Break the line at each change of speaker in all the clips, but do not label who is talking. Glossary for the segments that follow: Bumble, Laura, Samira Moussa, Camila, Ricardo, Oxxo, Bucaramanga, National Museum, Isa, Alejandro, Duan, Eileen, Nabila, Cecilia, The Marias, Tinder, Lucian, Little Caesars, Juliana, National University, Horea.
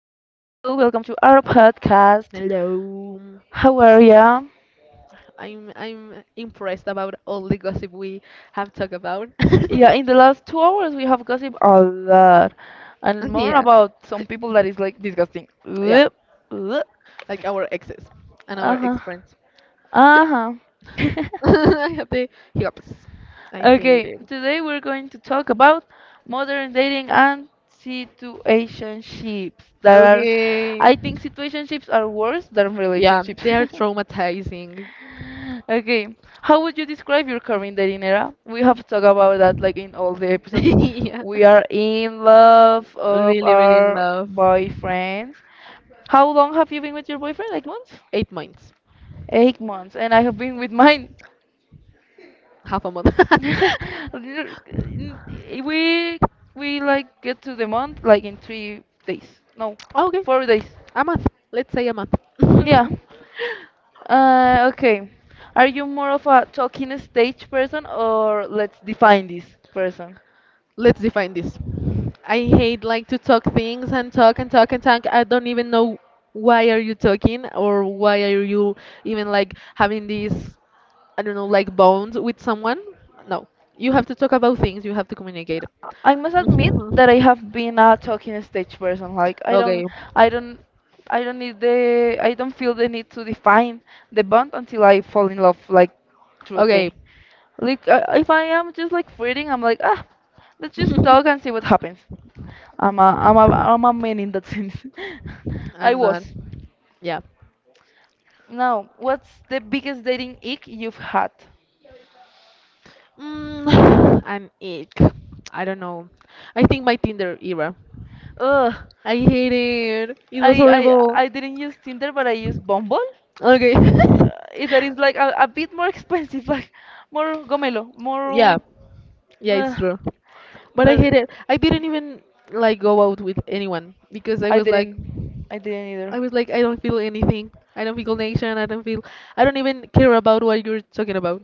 welcome to our podcast.
Hello.
How are ya?
I'm impressed about all the gossip we have talked about.
Yeah, in the last 2 hours we have gossiped a lot and more
Yeah.
about some people that is like disgusting.
Yeah. Like our exes and our ex
Huh.
friends.
Uh huh.
I have the hiccups. I hate
Okay,
it.
today we're going to talk about modern dating and situationships that are,
Okay.
I think situationships are worse than
Yeah,
relationships.
they are traumatizing.
Okay, how would you describe your current dating era? We have talked about that like in all the episodes.
Yeah.
We are in love of
Really, really in
our
love.
boyfriends. How long have you been with your boyfriend? Like months?
8 months.
8 months, and I have been with mine.
Half a month.
N- we we like get to the month like in 3 days. No,
Okay,
4 days.
a month. Let's say a month.
Yeah. Okay. Are you more of a talking stage person or let's define this person?
Let's define this. I hate like to talk things and talk and talk and talk. I don't even know why are you talking or why are you even like having these I don't know like bonds with someone. No, you have to talk about things. You have to communicate.
I must admit that I have been a talking stage person. Like I don't,
okay,
I don't, I don't need I don't feel the need to define the bond until I fall in love, like
okay.
truly. Like if I am just like flirting, I'm like ah, let's just talk and see what happens. I'm a man in that sense. I
I'm
was.
not. Yeah.
Now, what's the biggest dating ick you've had?
Mm, an ick. I don't know. I think my Tinder era.
Ugh,
I hate it. It was
I,
horrible.
I didn't use Tinder, but I used Bumble.
Okay.
That is like a bit more expensive, like more gomelo,
yeah.
more.
Yeah,
Uh,
it's true. But I hate
but
it. I didn't even like go out with anyone because I
I
was like
didn't, I didn't either.
I was like I don't feel anything. I don't feel connection. I don't feel I don't even care about what you're talking about.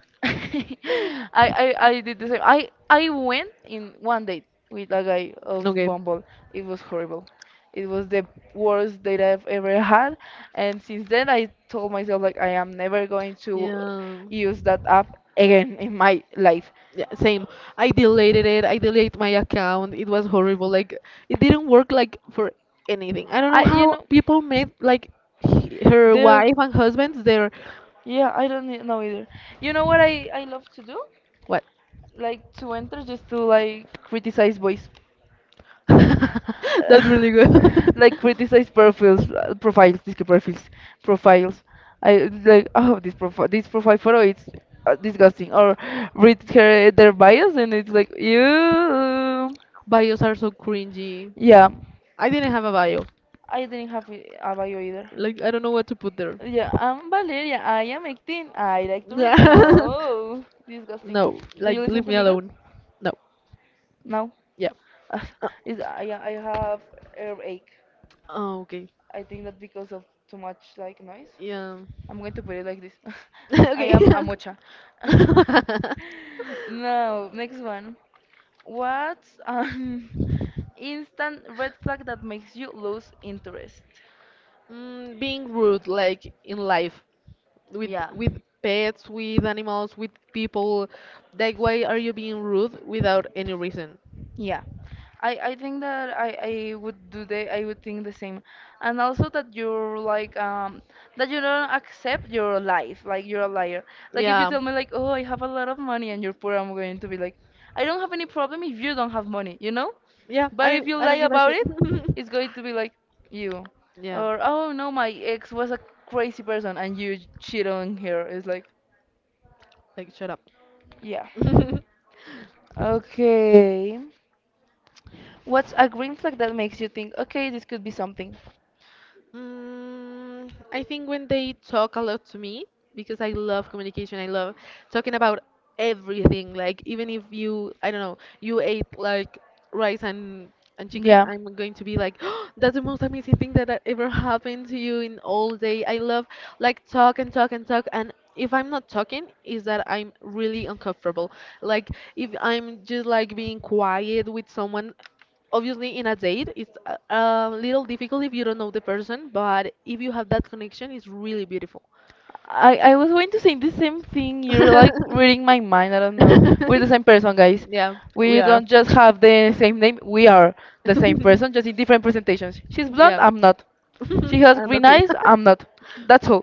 I did the same. I went in one date with a guy of
Okay.
Bumble. It was horrible. It was the worst date I've ever had, and since then I told myself like I am never going to
Yeah.
use
Yeah.
that app again in my life.
Yeah, same. I deleted it. I deleted my account. It was horrible. Like it didn't work like for anything. I don't know
I, you
how
know,
people made like he- her
there.
wife and husbands their
Yeah, I don't know either. You know what I love to do? Like to enter just to like criticize boys.
That's really good.
like criticize profiles. I like oh this profile photo it's disgusting. Or read her their bios and it's like you.
Bios are so cringy.
Yeah,
I didn't have a bio.
I didn't have a bio either.
Like I don't know what to put there.
Yeah, I'm Valeria. I am 18. I like to
Yeah.
read. No, disgusting.
No,
Do you
like leave
listen to
me
me good?
alone. No.
No.
Yeah. Uh,
Is I have earache.
Oh, okay.
I think that because of too much like noise.
Yeah.
I'm going to put it like this. I
Okay.
am a mocha. No, next one. What's an instant red flag that makes you lose interest?
Mm, being rude, like in life, with
Yeah.
with pets, with animals, with people. Like, why are you being rude without any reason?
Yeah, I think that I would do the I would think the same, and also that you're like that you don't accept your life like you're a liar. Like if you
Yeah.
tell me like oh I have a lot of money and you're poor, I'm going to be like I don't have any problem if you don't have money, you know.
Yeah,
But
I
if you
I don't
lie
give a
about
shit.
it, it's going to be like you,
Yeah.
or oh no my ex was a crazy person and you cheat on her. It's like
Like, shut up.
yeah. Okay. What's a green flag that makes you think okay this could be something?
Mm,
I
I think when they talk a lot to me, because I love communication, I love talking about everything. Like even if you, I don't know, you ate like rice and chicken,
Yeah.
I'm going to be like, that's the most amazing thing that ever happened to you in all day. I love like talk and talk and talk and. If I'm not talking, is that I'm really uncomfortable. Like if I'm just like being quiet with someone, obviously in a date it's a little difficult if you don't know the person but if you have that connection it's really beautiful.
I was going to say the same thing. You're like reading my mind. I don't know. We're the same person, guys.
Yeah, we
We
are.
don't just have the same name. We are the same person, just in different presentations. She's blonde.
Yeah.
I'm not. She has
And
green
that's it.
eyes. I'm not. That's all.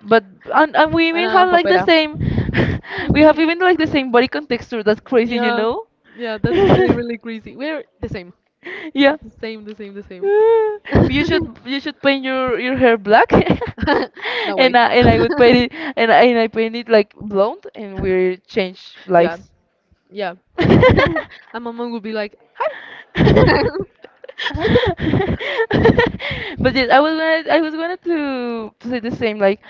But and, and we
And
even
I'm
have like the
papera.
same. we have even like the same body contexture. That's crazy, you
Yeah,
know.
yeah, that's really, really crazy, we're the same.
Yeah.
The same, the same, the same.
Uh, you should you should paint your hair black,
No way.
and I would paint it and I paint it like blonde, and we change
Yeah,
lives.
yeah.
but
And my mom would be like, "Hi."
yes, I was gonna to say the same like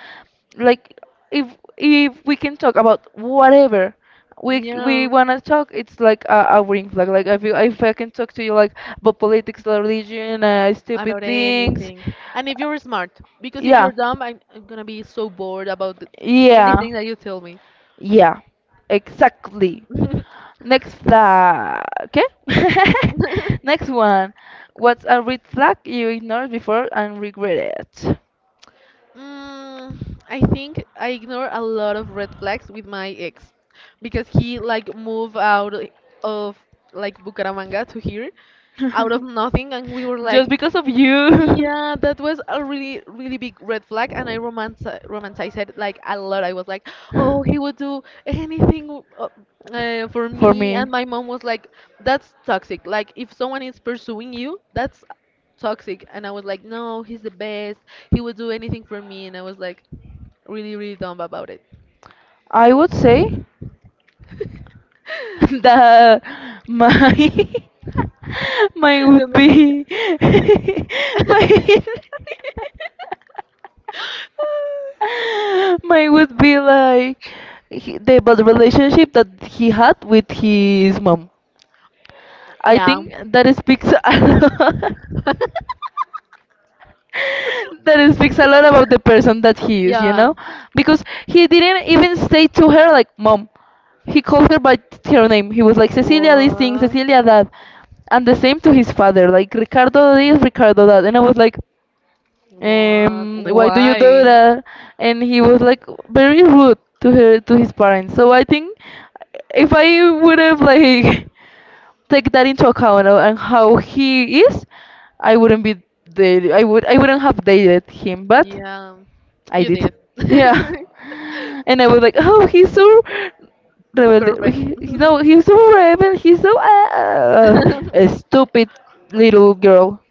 like if if we can talk about whatever we
No,
wanna talk, it's like a ring flag. Like if you, if I can talk to you like about politics, religion, stupid
about
things,
anything. And if you're smart, because if
yeah,
you're dumb, I'm gonna be so bored about th-
yeah,
anything that you tell me.
yeah, exactly. Next flag. Okay? Next one. What's a red flag you ignored before and regret it?
Mm, I think I ignore a lot of red flags with my ex because he like moved out of like Bucaramanga to here out of nothing and we were like
Just because of you.
Yeah, that was a really, really big red flag, and I romanti romanticized it like a lot. I was like, "Oh, he would do anything for
For
me," and
me.
my mom was like, "That's toxic. Like, if someone is pursuing you, that's toxic." And I was like, "No, he's the best. He would do anything for me," and I was like, really, really dumb about it.
I would say. that my mine
Let
would
me see.
be mine mine would be like he, the bad relationship that he had with his mom. I
Yeah.
think that speaks a lot lot about the person that he is, you
Yeah.
know? Because he didn't even say to her, like, mom. He called her by her name. He was like, Cecilia, this thing,
What?
Cecilia, that. And the same to his father, like, Ricardo this, Ricardo that. And I was like,
What?
why do you do
Why?
that? And he was like very rude to her, to his parents. So I think if I would have like take that into account and how he is, I wouldn't be I wouldn't have dated him, but
Yeah.
I
You
did.
did.
Yeah, and I was like, oh, he's so rebel.
Perfect.
He- no, he's so rebel. He's so a stupid little girl,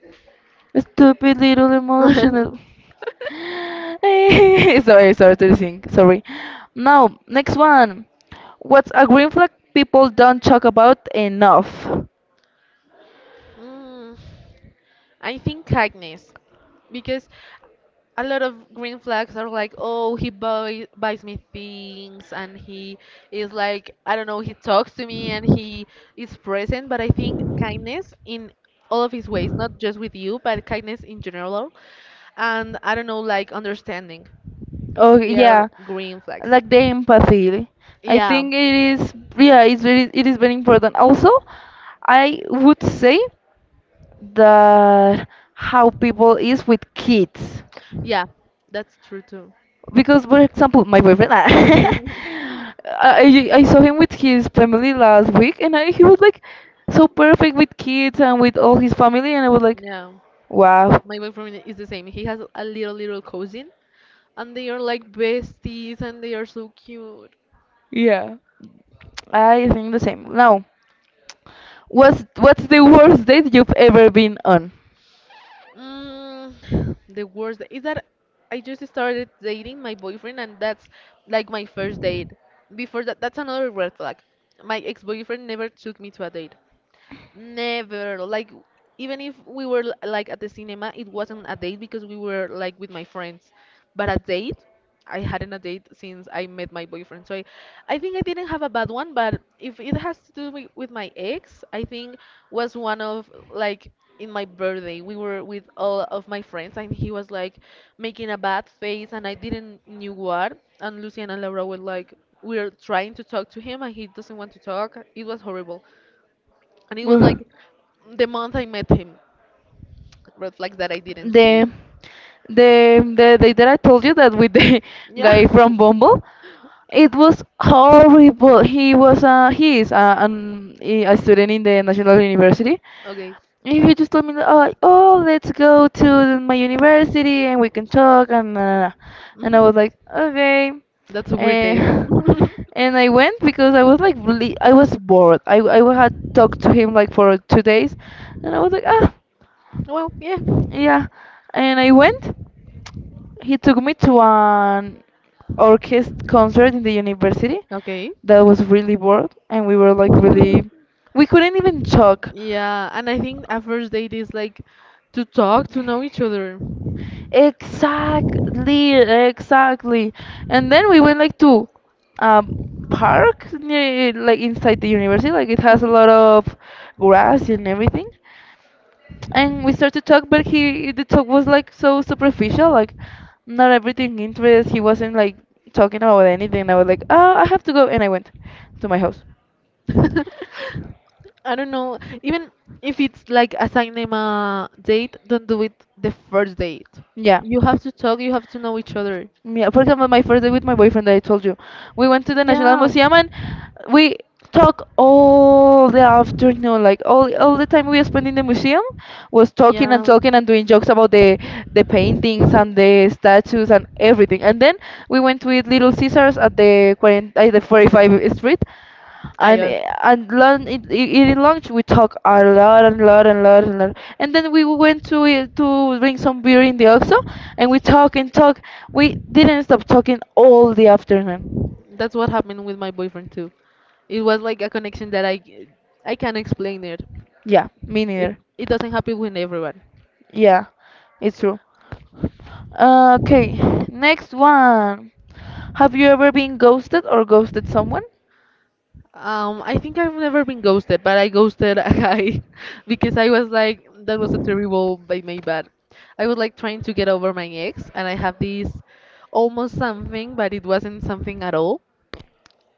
a stupid little emotional. sorry, sorry to sing. Sorry. Now, next one. What's a green flag people don't talk about enough?
Mm, I think kindness, because a lot of green flags are like, oh, he buy, buys me things, and he is like, I don't know, he talks to me, and he is present. But I think kindness in all of his ways, not just with you, but kindness in general, and I don't know, like understanding.
Oh
They are
yeah,
green flags.
like the empathy. I
Yeah,
think it is yeah, it is very important. Also, I would say that how people is with kids.
yeah, that's true too.
Because for example, my boyfriend I saw him with his family last week and he was like so perfect with kids and with all his family and I was like
Yeah.
wow.
My boyfriend is the same. He has a little little cousin, and they are like besties, and they are so cute.
Yeah. I think the same. Now, what's the worst date you've ever been on?
Mm, the worst is that I just started dating my boyfriend, and that's like my first date. Before that, that's another red flag. My ex-boyfriend never took me to a date. Never. Like, even if we were l- like at the cinema, it wasn't a date because we were like with my friends. But a date? I hadn't a date since I met my boyfriend. So I think I didn't have a bad one, but if it has to do with my ex, I think was one of like in my birthday, we were with all of my friends and he was like making a bad face and I didn't knew what. And Lucian and Laura were like, we are trying to talk to him and he doesn't want to talk. It was horrible. And it was
Ugh.
like the month I met him. Red flags that I didn't see.
the the the day that I told you that with the
Yeah.
guy from Bumble, it was horrible. He is a student in the National University,
Okay.
if you just told me, that, oh, like, oh, let's go to my university and we can talk, and I
Hmm.
was like, okay,
That's a weird date.
and and I went because I was like really, I was bored. I had talked to him like for 2 days, and I was like, ah,
Well, yeah.
yeah, and I went. He took me to an orchestra concert in the university
Okay.
that was really bored, and we were like really, we couldn't even talk.
Yeah, and I think a first date is like to talk, to know each other.
Exactly, exactly. And then we went like to a park near, like inside the university. Like it has a
Mhm.
lot of grass and everything. And we started to talk, but he the talk was like so superficial. Like not everything interests. He wasn't like talking about anything. I was like, oh, I have to go, and I went to my house.
I don't know. Even if it's like a cinema date, don't do it the first date.
Yeah.
You have to talk, you have to know each other.
Yeah, for example, my first day with my boyfriend that I told you, we went to the National
Yeah.
Museum and we talk all the afternoon, like all the time we spent in the museum was talking and
Yeah.
talking and doing jokes about the paintings and the statues and everything. And then we went with Little Caesars at the 45th Street,
I
and lunch eating lunch we talk a lot and lot and then we went to to drink some beer in the Oxxo and we talk and talk we didn't stop talking all the afternoon
that's what happened with my boyfriend too. It was like a connection that I can't explain it.
yeah me
It
neither
it doesn't happen with everyone.
yeah it's true okay next one have you ever been ghosted or ghosted someone
I think I've never been ghosted, but I ghosted a guy because I was like, that was a terrible by my bad. I was like trying to get over my ex, and I have this almost something, but it wasn't something at all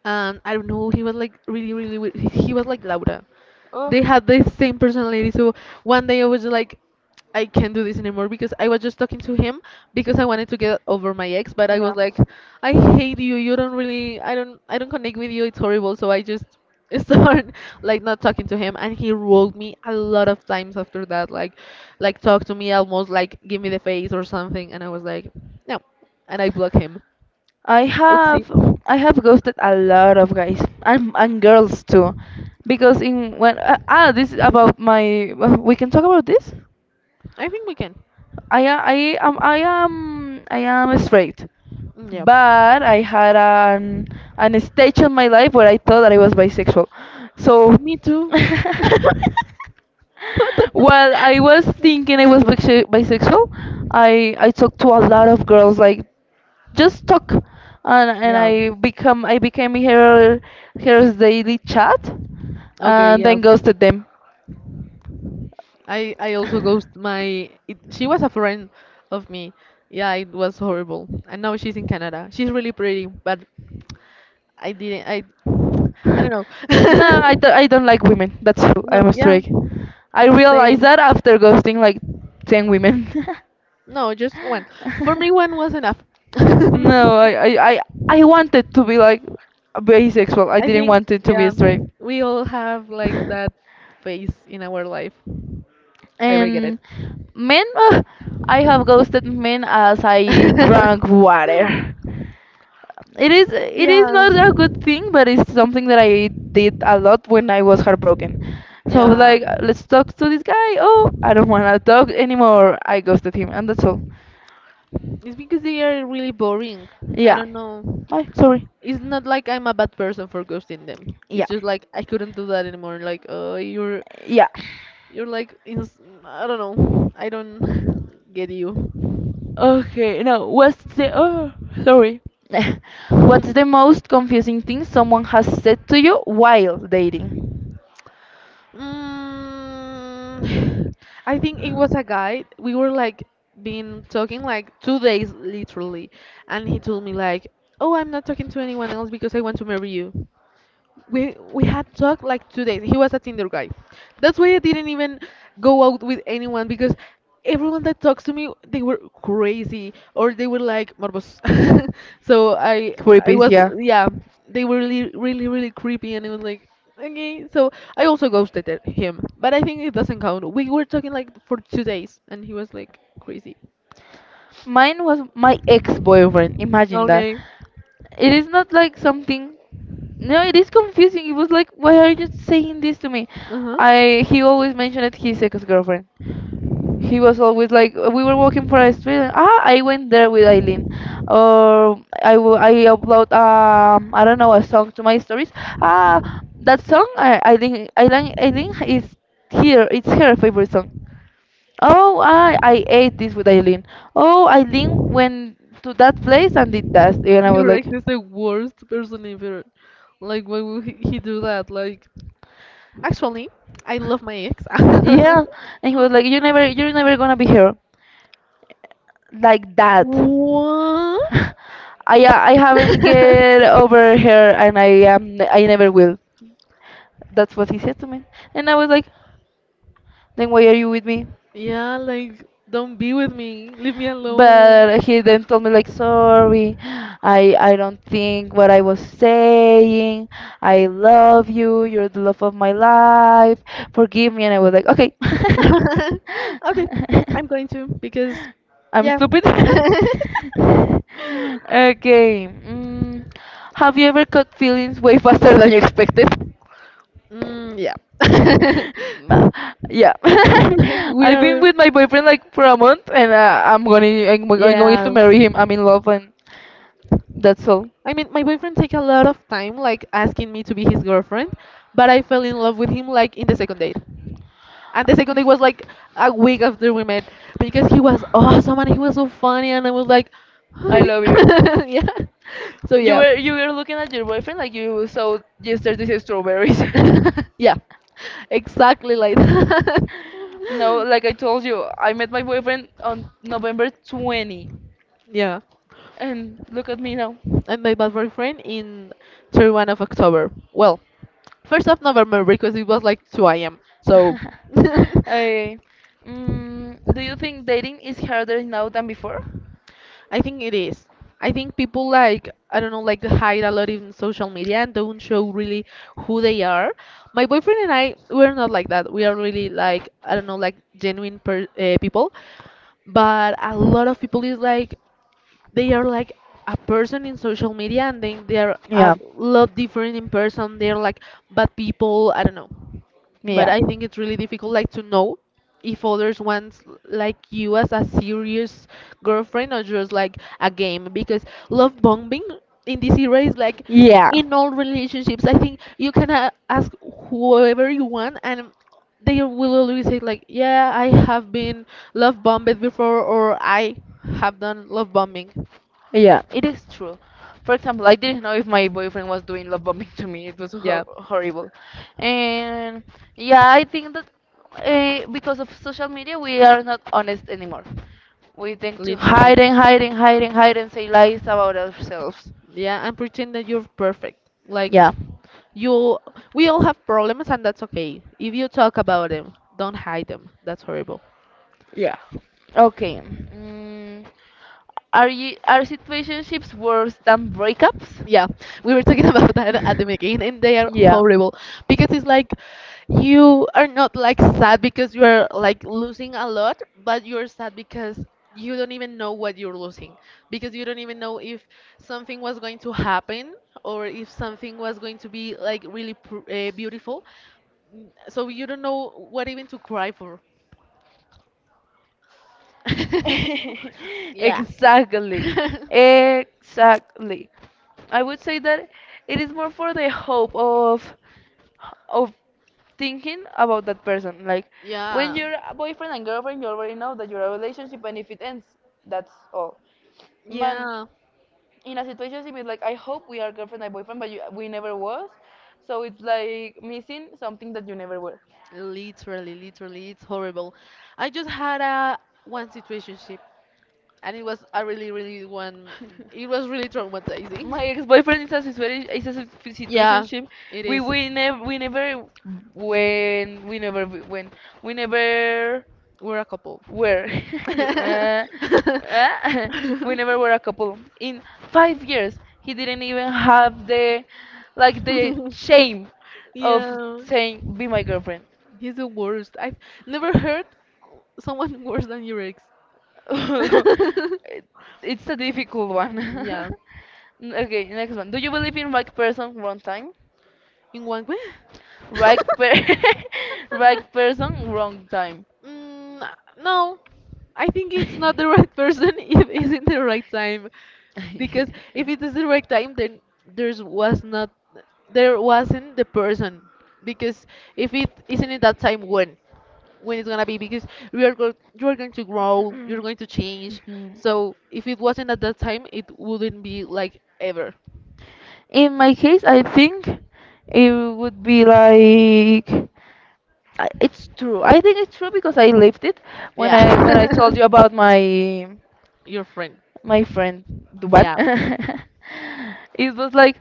and I don't know, he was like really, really, weird. He was like Laura.
Oh.
They had the same personality. So one day I was like, I can't do this anymore because I was just talking to him because I wanted to get over my ex, but I
Yeah.
was like, I hate you. You don't really, I don't connect with you. It's horrible. So I just start like not talking to him, and he wrote me a lot of times after that, like talk to me almost like give me the face or something, and I was like, no, and I blocked him.
I
Oopsie.
have I have ghosted a lot of guys and girls too, because in when this is about my we can talk about this.
I think we can.
I a- I am I am I am straight,
Mm, yeah.
but I had an stage in my life where I thought that I was bisexual, so
Me too. What the-
Well, I was thinking I was bisexual. I talked to a lot of girls, like just talk, and
Yeah.
I became her her daily chat,
Okay,
and
yeah.
then ghosted them.
I also ghost my it, she was a friend of me. Yeah, it was horrible. And now she's in Canada. She's really pretty, but I didn't I don't know.
No, I don't like women. That's true.
No,
I'm
yeah.
straight. I realized
Same.
that after ghosting like 10 women.
No, just one. For me one was enough.
No, I, I,
I
I wanted to be like bisexual. I didn't
think
want it to be
yeah,
straight.
we all have like that phase in our life. I regret
And
it.
men, ugh, I have ghosted men as I drank water.
Um,
It
yeah,
is not a good thing, but it's something that I did a lot when I was heartbroken. So I was
yeah.
like, let's talk to this guy. Oh, I don't want to talk anymore. I ghosted him, and that's all.
It's because they are really boring. I
Yeah.
don't know.
Hi, sorry.
It's not like I'm a bad person for ghosting them.
Yeah.
It's just like I couldn't do that anymore. Like,
Yeah.
you're like, ins- I don't know. I don't get you.
Okay, no. What's the oh sorry. What's the most confusing thing someone has said to you while dating?
Mm, I think it was a guy. We were like been talking like 2 days literally, and he told me like, "Oh, I'm not talking to anyone else because I want to marry you." We had talked like 2 days. He was a Tinder guy. That's why I didn't even go out with anyone because everyone that talks to me they were crazy or they were like morbos. So I
Creepy,
was
yeah.
yeah they were really, really, really creepy and it was like okay so I also ghosted it- him but I think it doesn't count. We were talking like for 2 days and he was like crazy.
Mine was my ex-boyfriend. Imagine that.
Okay.
It is not like something. No, it is confusing. It was like, why are you saying this to me?
Uh huh.
I he always mentioned his ex-girlfriend. He was always like, we were walking for a street. And, I went there with Eileen, or I upload I don't know a song to my stories. Ah, that song I Eileen Eileen Eileen is here. It's her favorite song. Oh, I ate this with Eileen. Oh, Eileen went to that place and did that, and I was
Your
like,
ex is the worst person ever. Like, why would he do that? Like, actually, I love my ex.
yeah, and he was like, you're never gonna be here like that.
What?
I haven't get over her, and I never will. That's what he said to me, and I was like, then why are you with me?
Yeah, like, don't be with me. Leave me alone.
But he then told me like, sorry, I don't think what I was saying, I love you, you're the love of my life, forgive me, and I was like, okay.
Okay, I'm going to because,
I'm
yeah.
stupid. Okay. Have you ever caught feelings way faster than you expected?
Mm, yeah.
Ma- yeah.
We
I've been
are,
with my boyfriend like for a month and I'm going to
yeah.
marry him. I'm in love, and that's all.
I mean, my boyfriend take a lot of time like asking me to be his girlfriend, but I fell in love with him like in the second date. And the second date was like a week after we met because he was awesome and he was so funny and I was like, hi.
I love you.
Yeah. So
you
yeah.
were you were looking at your boyfriend like you saw yesterday's strawberries.
Yeah. Exactly like that.
No, like I told you, I met my boyfriend on november 20th,
Yeah.
and look at me now.
And my bad boyfriend in 31 of October. Well, 1st of November because it was like 2 a.m. So.
Okay. Do you think dating is harder now than before?
I think it is. I think people like I don't know like hide a lot in social media and don't show really who they are. My boyfriend and I we're not like that. We are really, like I don't know like genuine people, but a lot of people is like they are like a person in social media, and then they're a
Yeah,
lot different in person. They're like bad people, I don't know. But
yeah.
I think it's really difficult like to know if others want like you as a serious girlfriend or just like a game, because love bombing in this era is like
Yeah.
in all relationships. I think you can ask whoever you want, and they will always say like, yeah, I have been love bombed before, or I have done love bombing.
Yeah, it is true. For example, I didn't know if my boyfriend was doing love bombing to me. It was
Yeah,
horrible. And yeah, I think that because of social media, we are not honest anymore. We tend to
literally.
hide and hide and hide and hide and say lies about ourselves.
Yeah, and pretend that you're perfect, like
Yeah.
you, we all have problems, and that's okay. If you talk about them, don't hide them. That's horrible.
Yeah. Okay. Mm, are situationships worse than breakups?
Yeah, we were talking about that at the beginning, and they are
Yeah.
horrible because it's like you are not like sad because you are like losing a lot, but you're sad because you don't even know what you're losing, because you don't even know if something was going to happen, or if something was going to be like really pr beautiful. So you don't know what even to cry for. Yeah.
Exactly. Exactly. I would say that it is more for the hope of thinking about that person. Like when
Yeah.
you're a boyfriend and girlfriend, you already know that you're a relationship, and if it ends, that's all. Man,
Yeah.
in a situation it's like I hope we are girlfriend and boyfriend, but you, we never was. So it's like missing something that you never were.
Literally, literally, it's horrible. I just had a one situationship, and it was a really, really one. It was really traumatizing.
My ex-boyfriend is a
Yeah,
situationship.
it is.
We never when we never w- when we never
We're a couple.
were. Yo, uh, uh, we never were a couple. In 5 years, he didn't even have the, like, the shame of
Yeah,
saying, be my girlfriend.
he's the worst. I've never heard someone worse than your ex.
It- it's a difficult one.
Yeah.
Okay, next one. Do you believe in right person, wrong time?
In one way?
Right per Right person, wrong time.
Mm, no, I think it's not the right person if it's in the right time, because if it is the right time, then there's was not there wasn't the person. Because if it isn't in that time, when it's gonna be? Because we are go you are going to grow, you're going to change.
Mhm.
So if it wasn't at that time, it wouldn't be like ever.
In my case, I think it would be like, it's true. I think it's true because I lived it
Yeah,
when I told you about my
your friend.
my friend, what?
Yeah.
It was like,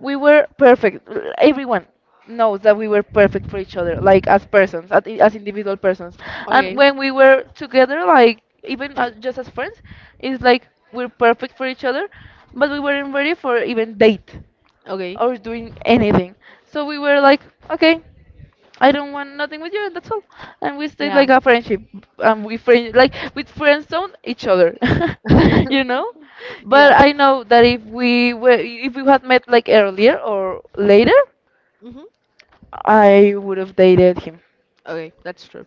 we were perfect. Everyone knows that we were perfect for each other, like as persons, as individual persons. And
Okay.
when we were together, like even as, just as friends, it's like we're perfect for each other, but we weren't ready for even date
Okay.
or doing anything. So we were like, okay, I don't want nothing with you, and that's all. And we stayed
Yeah.
like a friendship, and we friend like with friends zone each other, you know. But
Yeah.
I know that if we had met like earlier or later,
Mhm.
I would have dated him.
Okay, that's true.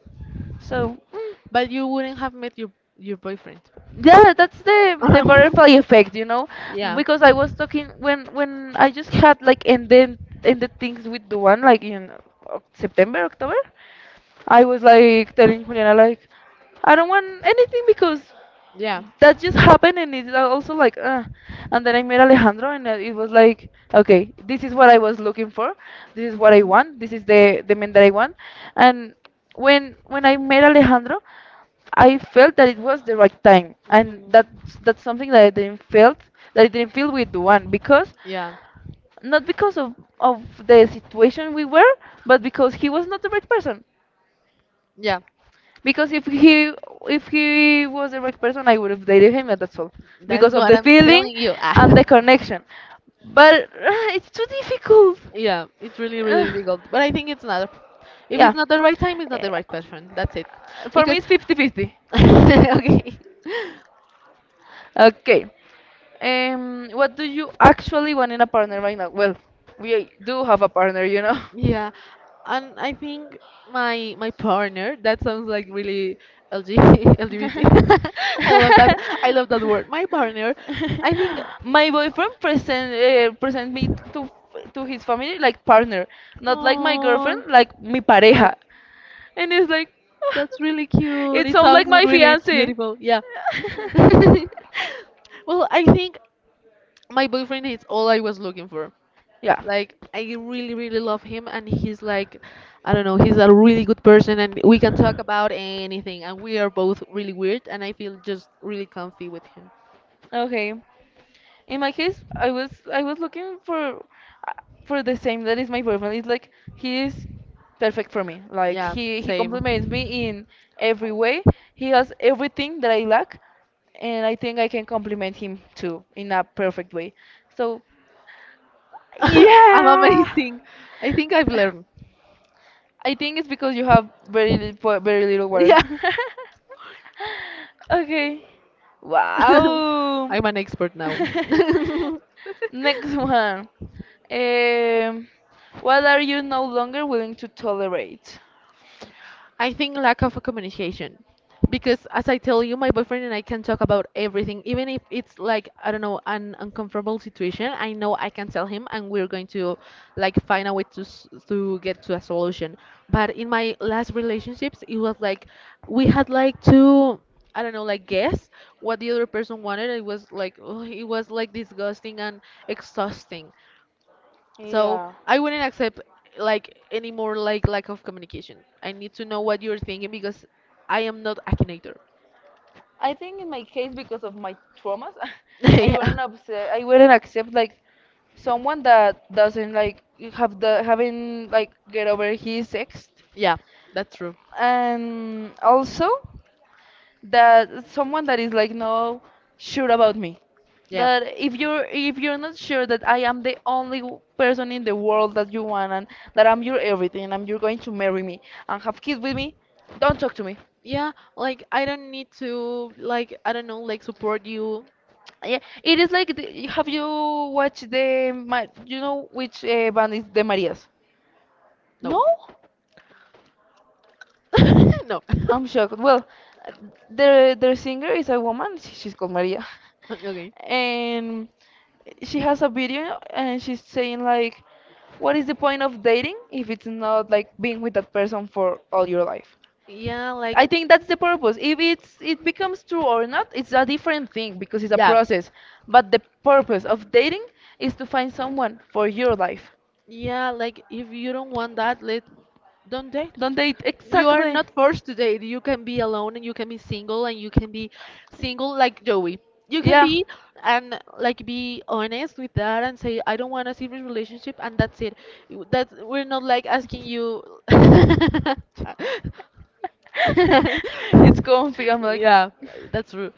So
But you wouldn't have met your boyfriend.
yeah, that's the butterfly effect, you know,
Yeah.
because I was talking when I just had like, and then, and the things with the one like in September October. I was like telling Juliana, like, I don't want anything because
Yeah.
that just happened and it's also like And then I met Alejandro and it was like, okay, this is what I was looking for, this is what I want, this is the man that I want. And when I met Alejandro, I felt that it was the right time, and
Mhm.
that's something that I didn't felt, that I didn't feel with Duan, because
Yeah.
not because of the situation we were, but because he was not the right person.
Yeah.
Because if he was the right person, I would have dated him, and that's all.
That's
Because of
what
the
I'm
feeling
telling you.
and the connection. But it's too difficult.
Yeah, it's really, really
Uh,
difficult. But I think it's not. If
yeah.
it's not the right time, it's not
Uh,
the right person. That's it.
For me,
Because,
it's fifty-fifty.
okay.
Okay. What do you actually want in a partner right now? Well, we do have a partner, you know.
Yeah, and I think my my partner, that sounds like really LG, LGBT. I love that. I love that word. My partner, I think.
My boyfriend present me to his family like partner, not like my girlfriend,
Oh,
like mi
my,
pareja, and it's like
that's really cute.
it
It
sounds like
sounds
my
really
fiance.
beautiful. Yeah. Well, I think my boyfriend is all I was looking for.
Yeah.
Like, I really, really love him, and he's like, I don't know, he's a really good person, and we can talk about anything. And we are both really weird, and I feel just really comfy with him.
Okay. In my case, I was looking uh, for the same that is my boyfriend. It's like he is perfect for me. Like
Yeah,
he
same.
compliments me in every way. He has everything that I lack, and I think I can compliment him too in a perfect way. So
I'm
yeah.
amazing. I think I've learned.
I think it's because you have very little water.
Yeah,
Okay. Wow.
I'm an expert now.
Next one. Um, what are you no longer willing to tolerate?
I think lack of communication. Because as I tell you, my boyfriend and I can talk about everything, even if it's like, I don't know, an uncomfortable situation, I know I can tell him and we're going to like find a way to to get to a solution. But in my last relationships, it was like we had like to, I don't know, like guess what the other person wanted. It was like, oh, it was like disgusting and exhausting. So
Yeah,
I wouldn't accept like any more like lack of communication. I need to know what you're thinking, because I am not a connector.
I think in my case, because of my traumas,
Yeah.
I wouldn't accept like someone that doesn't like have the having like get over his ex,
Yeah, that's true.
and also that someone that is like no sure about me.
Yeah.
That if you're not sure that I am the only person in the world that you want, and that I'm your everything, you're going to marry me and have kids with me, don't talk to me.
Yeah, like I don't need to like I don't know like support you.
Yeah, it is like the, have you watched the you know which band is the marias? No.
No. No.
I'm shocked. Well, uh, the singer is a woman. She's called Maria,
Okay.
and she has a video, and she's saying like, "What is the point of dating if it's not like being with that person for all your life?"
Yeah, like
I think that's the purpose. If it's it becomes true or not, it's a different thing because it's a
yeah.
process. But the purpose of dating is to find someone for your life.
Yeah, like if you don't want that, let don't date.
Don't date,
You are
exactly.
not forced to date. You can be alone, and you can be single, and you can be single like Joey. You can be, and like be honest with that, and say I don't want a serious relationship, and that's it. That we're not like asking you.
It's comfy. I'm like,
Yeah, that's true.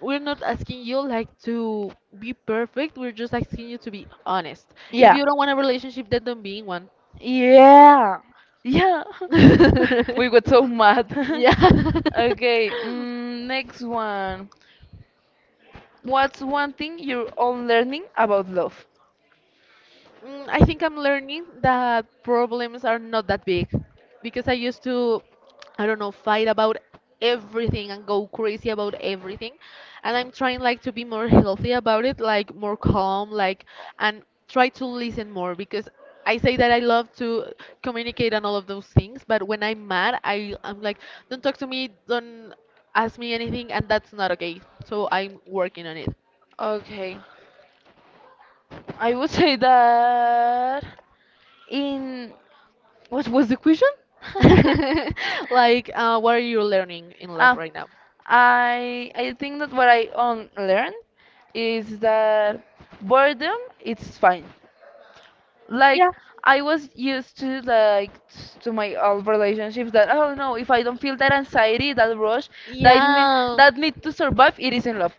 We're not asking you like to be perfect. We're just asking you to be honest. If
yeah.
you don't want a relationship, then don't be in one.
Yeah. Yeah. We got so mad.
Yeah.
Okay, next one. What's one thing you're all learning about love?
I think I'm learning that problems are not that big, because I used to, I don't know, fight about everything and go crazy about everything. And I'm trying like to be more healthy about it, like more calm, like, and try to listen more, because I say that I love to communicate and all of those things, but when I'm mad, I'm like, don't talk to me, don't ask me anything, and that's not okay. So I'm working on it.
Okay. I would say that in, what was the question?
Like, what are you learning in love
Ah,
right now?
I think that what I learned is that boredom it's fine. Like I was used to like to my old relationships that, oh no, if I don't feel that anxiety, that rush, that
Yeah.
that need to survive, it is isn't love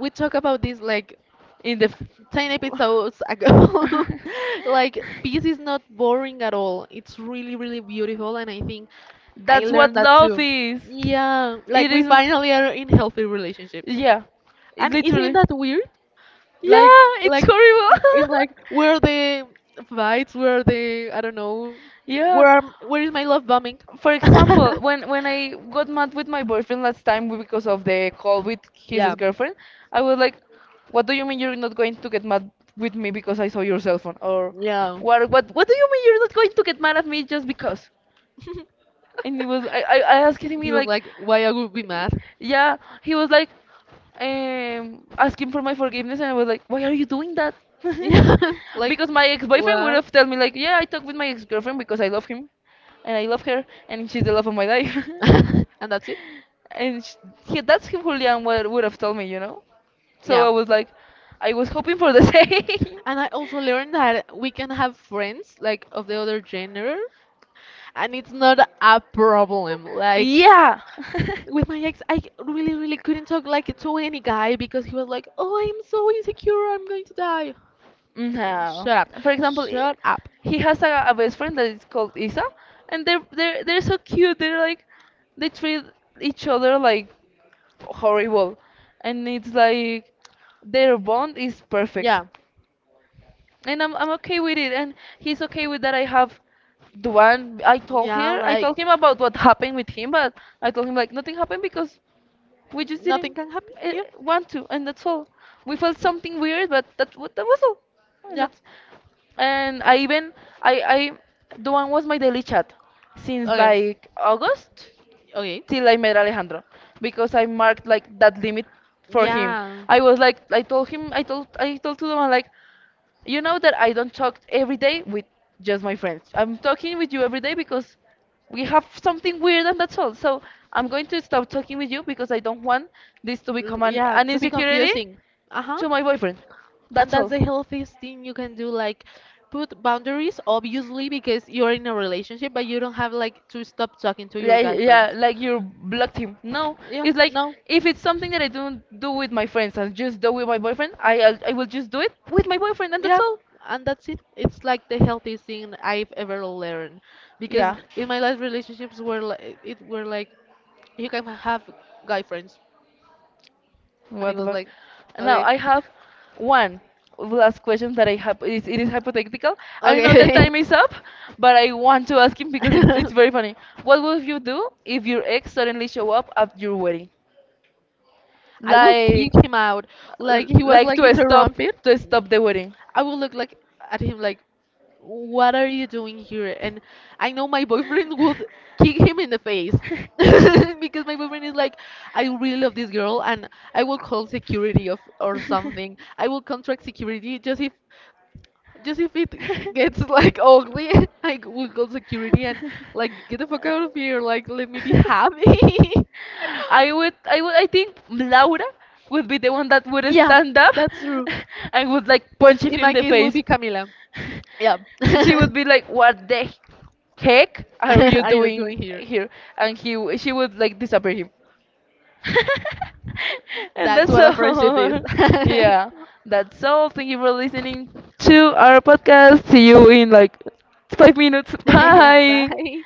We talk about this like
in the.
10 episodes ago.
f-
Like, peace is not boring at all, it's really, really beautiful, and I think I
That's
learned
what
that
love
too.
is.
Yeah, like
It
we
is.
finally are in healthy relationships.
Yeah. It
And isn't
literally.
that weird, like
Yeah, it's
like
horrible.
it's like where are the fights, where are the, I don't know,
Yeah.
where is my love bombing?
For example, when I got mad with my boyfriend last time because of the call with his
Yeah.
girlfriend, I was like, "What do you mean you're not going to get mad with me because I saw your cell phone?" Or,
Yeah,
What do you mean you're not going to get mad at me just because?" and he was I asking
he
me
was
like,
like why I would be mad.
yeah, he was like asking for my forgiveness and I was like, why are you doing that?
Yeah, like
Because my ex-boyfriend would
what.
have told me like, yeah, I talked with my ex-girlfriend because I love him and I love her and she's the love of my life.
And that's it.
And that's who Julian would have told me, you know. So
Yeah.
I was like, I was hoping for the same.
And I also learned that we can have friends like of the other gender, and it's not a problem. Like
Yeah.
with my ex, I really, really couldn't talk like to any guy because he was like, "Oh, I'm so insecure, I'm going to die." Like,
No.
shut up,
For example,
shut up.
he has a best friend that is called Isa, and they're so cute. They're like, they treat each other like horrible, and it's like their bond is perfect,
Yeah.
and I'm okay with it, and he's okay with that. I have the one I told
Yeah,
her, I
like
told him about what happened with him, but I told him like nothing happened because we just didn't
nothing can happen. Yeah.
want to, and that's all. We felt something weird, but that that was all, and
Yeah.
that's and I even I the one was my daily chat since
Okay.
like August
Okay.
till I met Alejandro because I marked like that limit for him.
Yeah.
I was like, I told him, I told to the man like, you know that I don't talk every day with just my friends. I'm talking with you every day because we have something weird, and that's all. So I'm going to stop talking with you because I don't want this to become
Yeah,
an
to be
insecurity
confusing. Uh-huh.
to my boyfriend.
And
That's
that's
all.
the healthiest thing you can do. Like, put boundaries, obviously, because you're in a relationship, but you don't have like to stop talking to your
Like,
guy friends.
yeah, like you blocked him. No,
Yeah,
it's like,
no.
if it's something that I don't do with my friends and just do with my boyfriend, I will just do it with my boyfriend and that's
Yeah,
all.
and that's it. It's like the healthiest thing I've ever learned, because
Yeah.
in my last relationships were like it were like you can have guy friends, and it
What the
was
fuck?
like,
Now
okay,
I have one last question that I have. It is hypothetical. I know that
okay.
time is up, but I want to ask him because it's very funny. What would you do if your ex suddenly show up at your wedding,
I will kick
like
him out. Like he was
like
like interrupted.
to stop the wedding?
I would look like at him like, "What are you doing here?" And I know my boyfriend would kick him in the face because my boyfriend is like, "I really love this girl, and I will call security of or something. I will contract security just if it gets like ugly, I will call security and like get the fuck out of here. Like let me be happy."
I think Laura would be the one that would
Yeah,
stand up
that's true.
and would like punch him
In
in
my
the
case, will
face.
be Camila. Yeah.
She would be like, "What the heck are you
Are you
doing
doing here?
here?" And she would like disappear him. And
That's
that's
what a friendship is.
all. Yeah, that's all. Thank you for listening to our podcast. See you in like 5 minutes.
Yeah.
Bye.
Bye.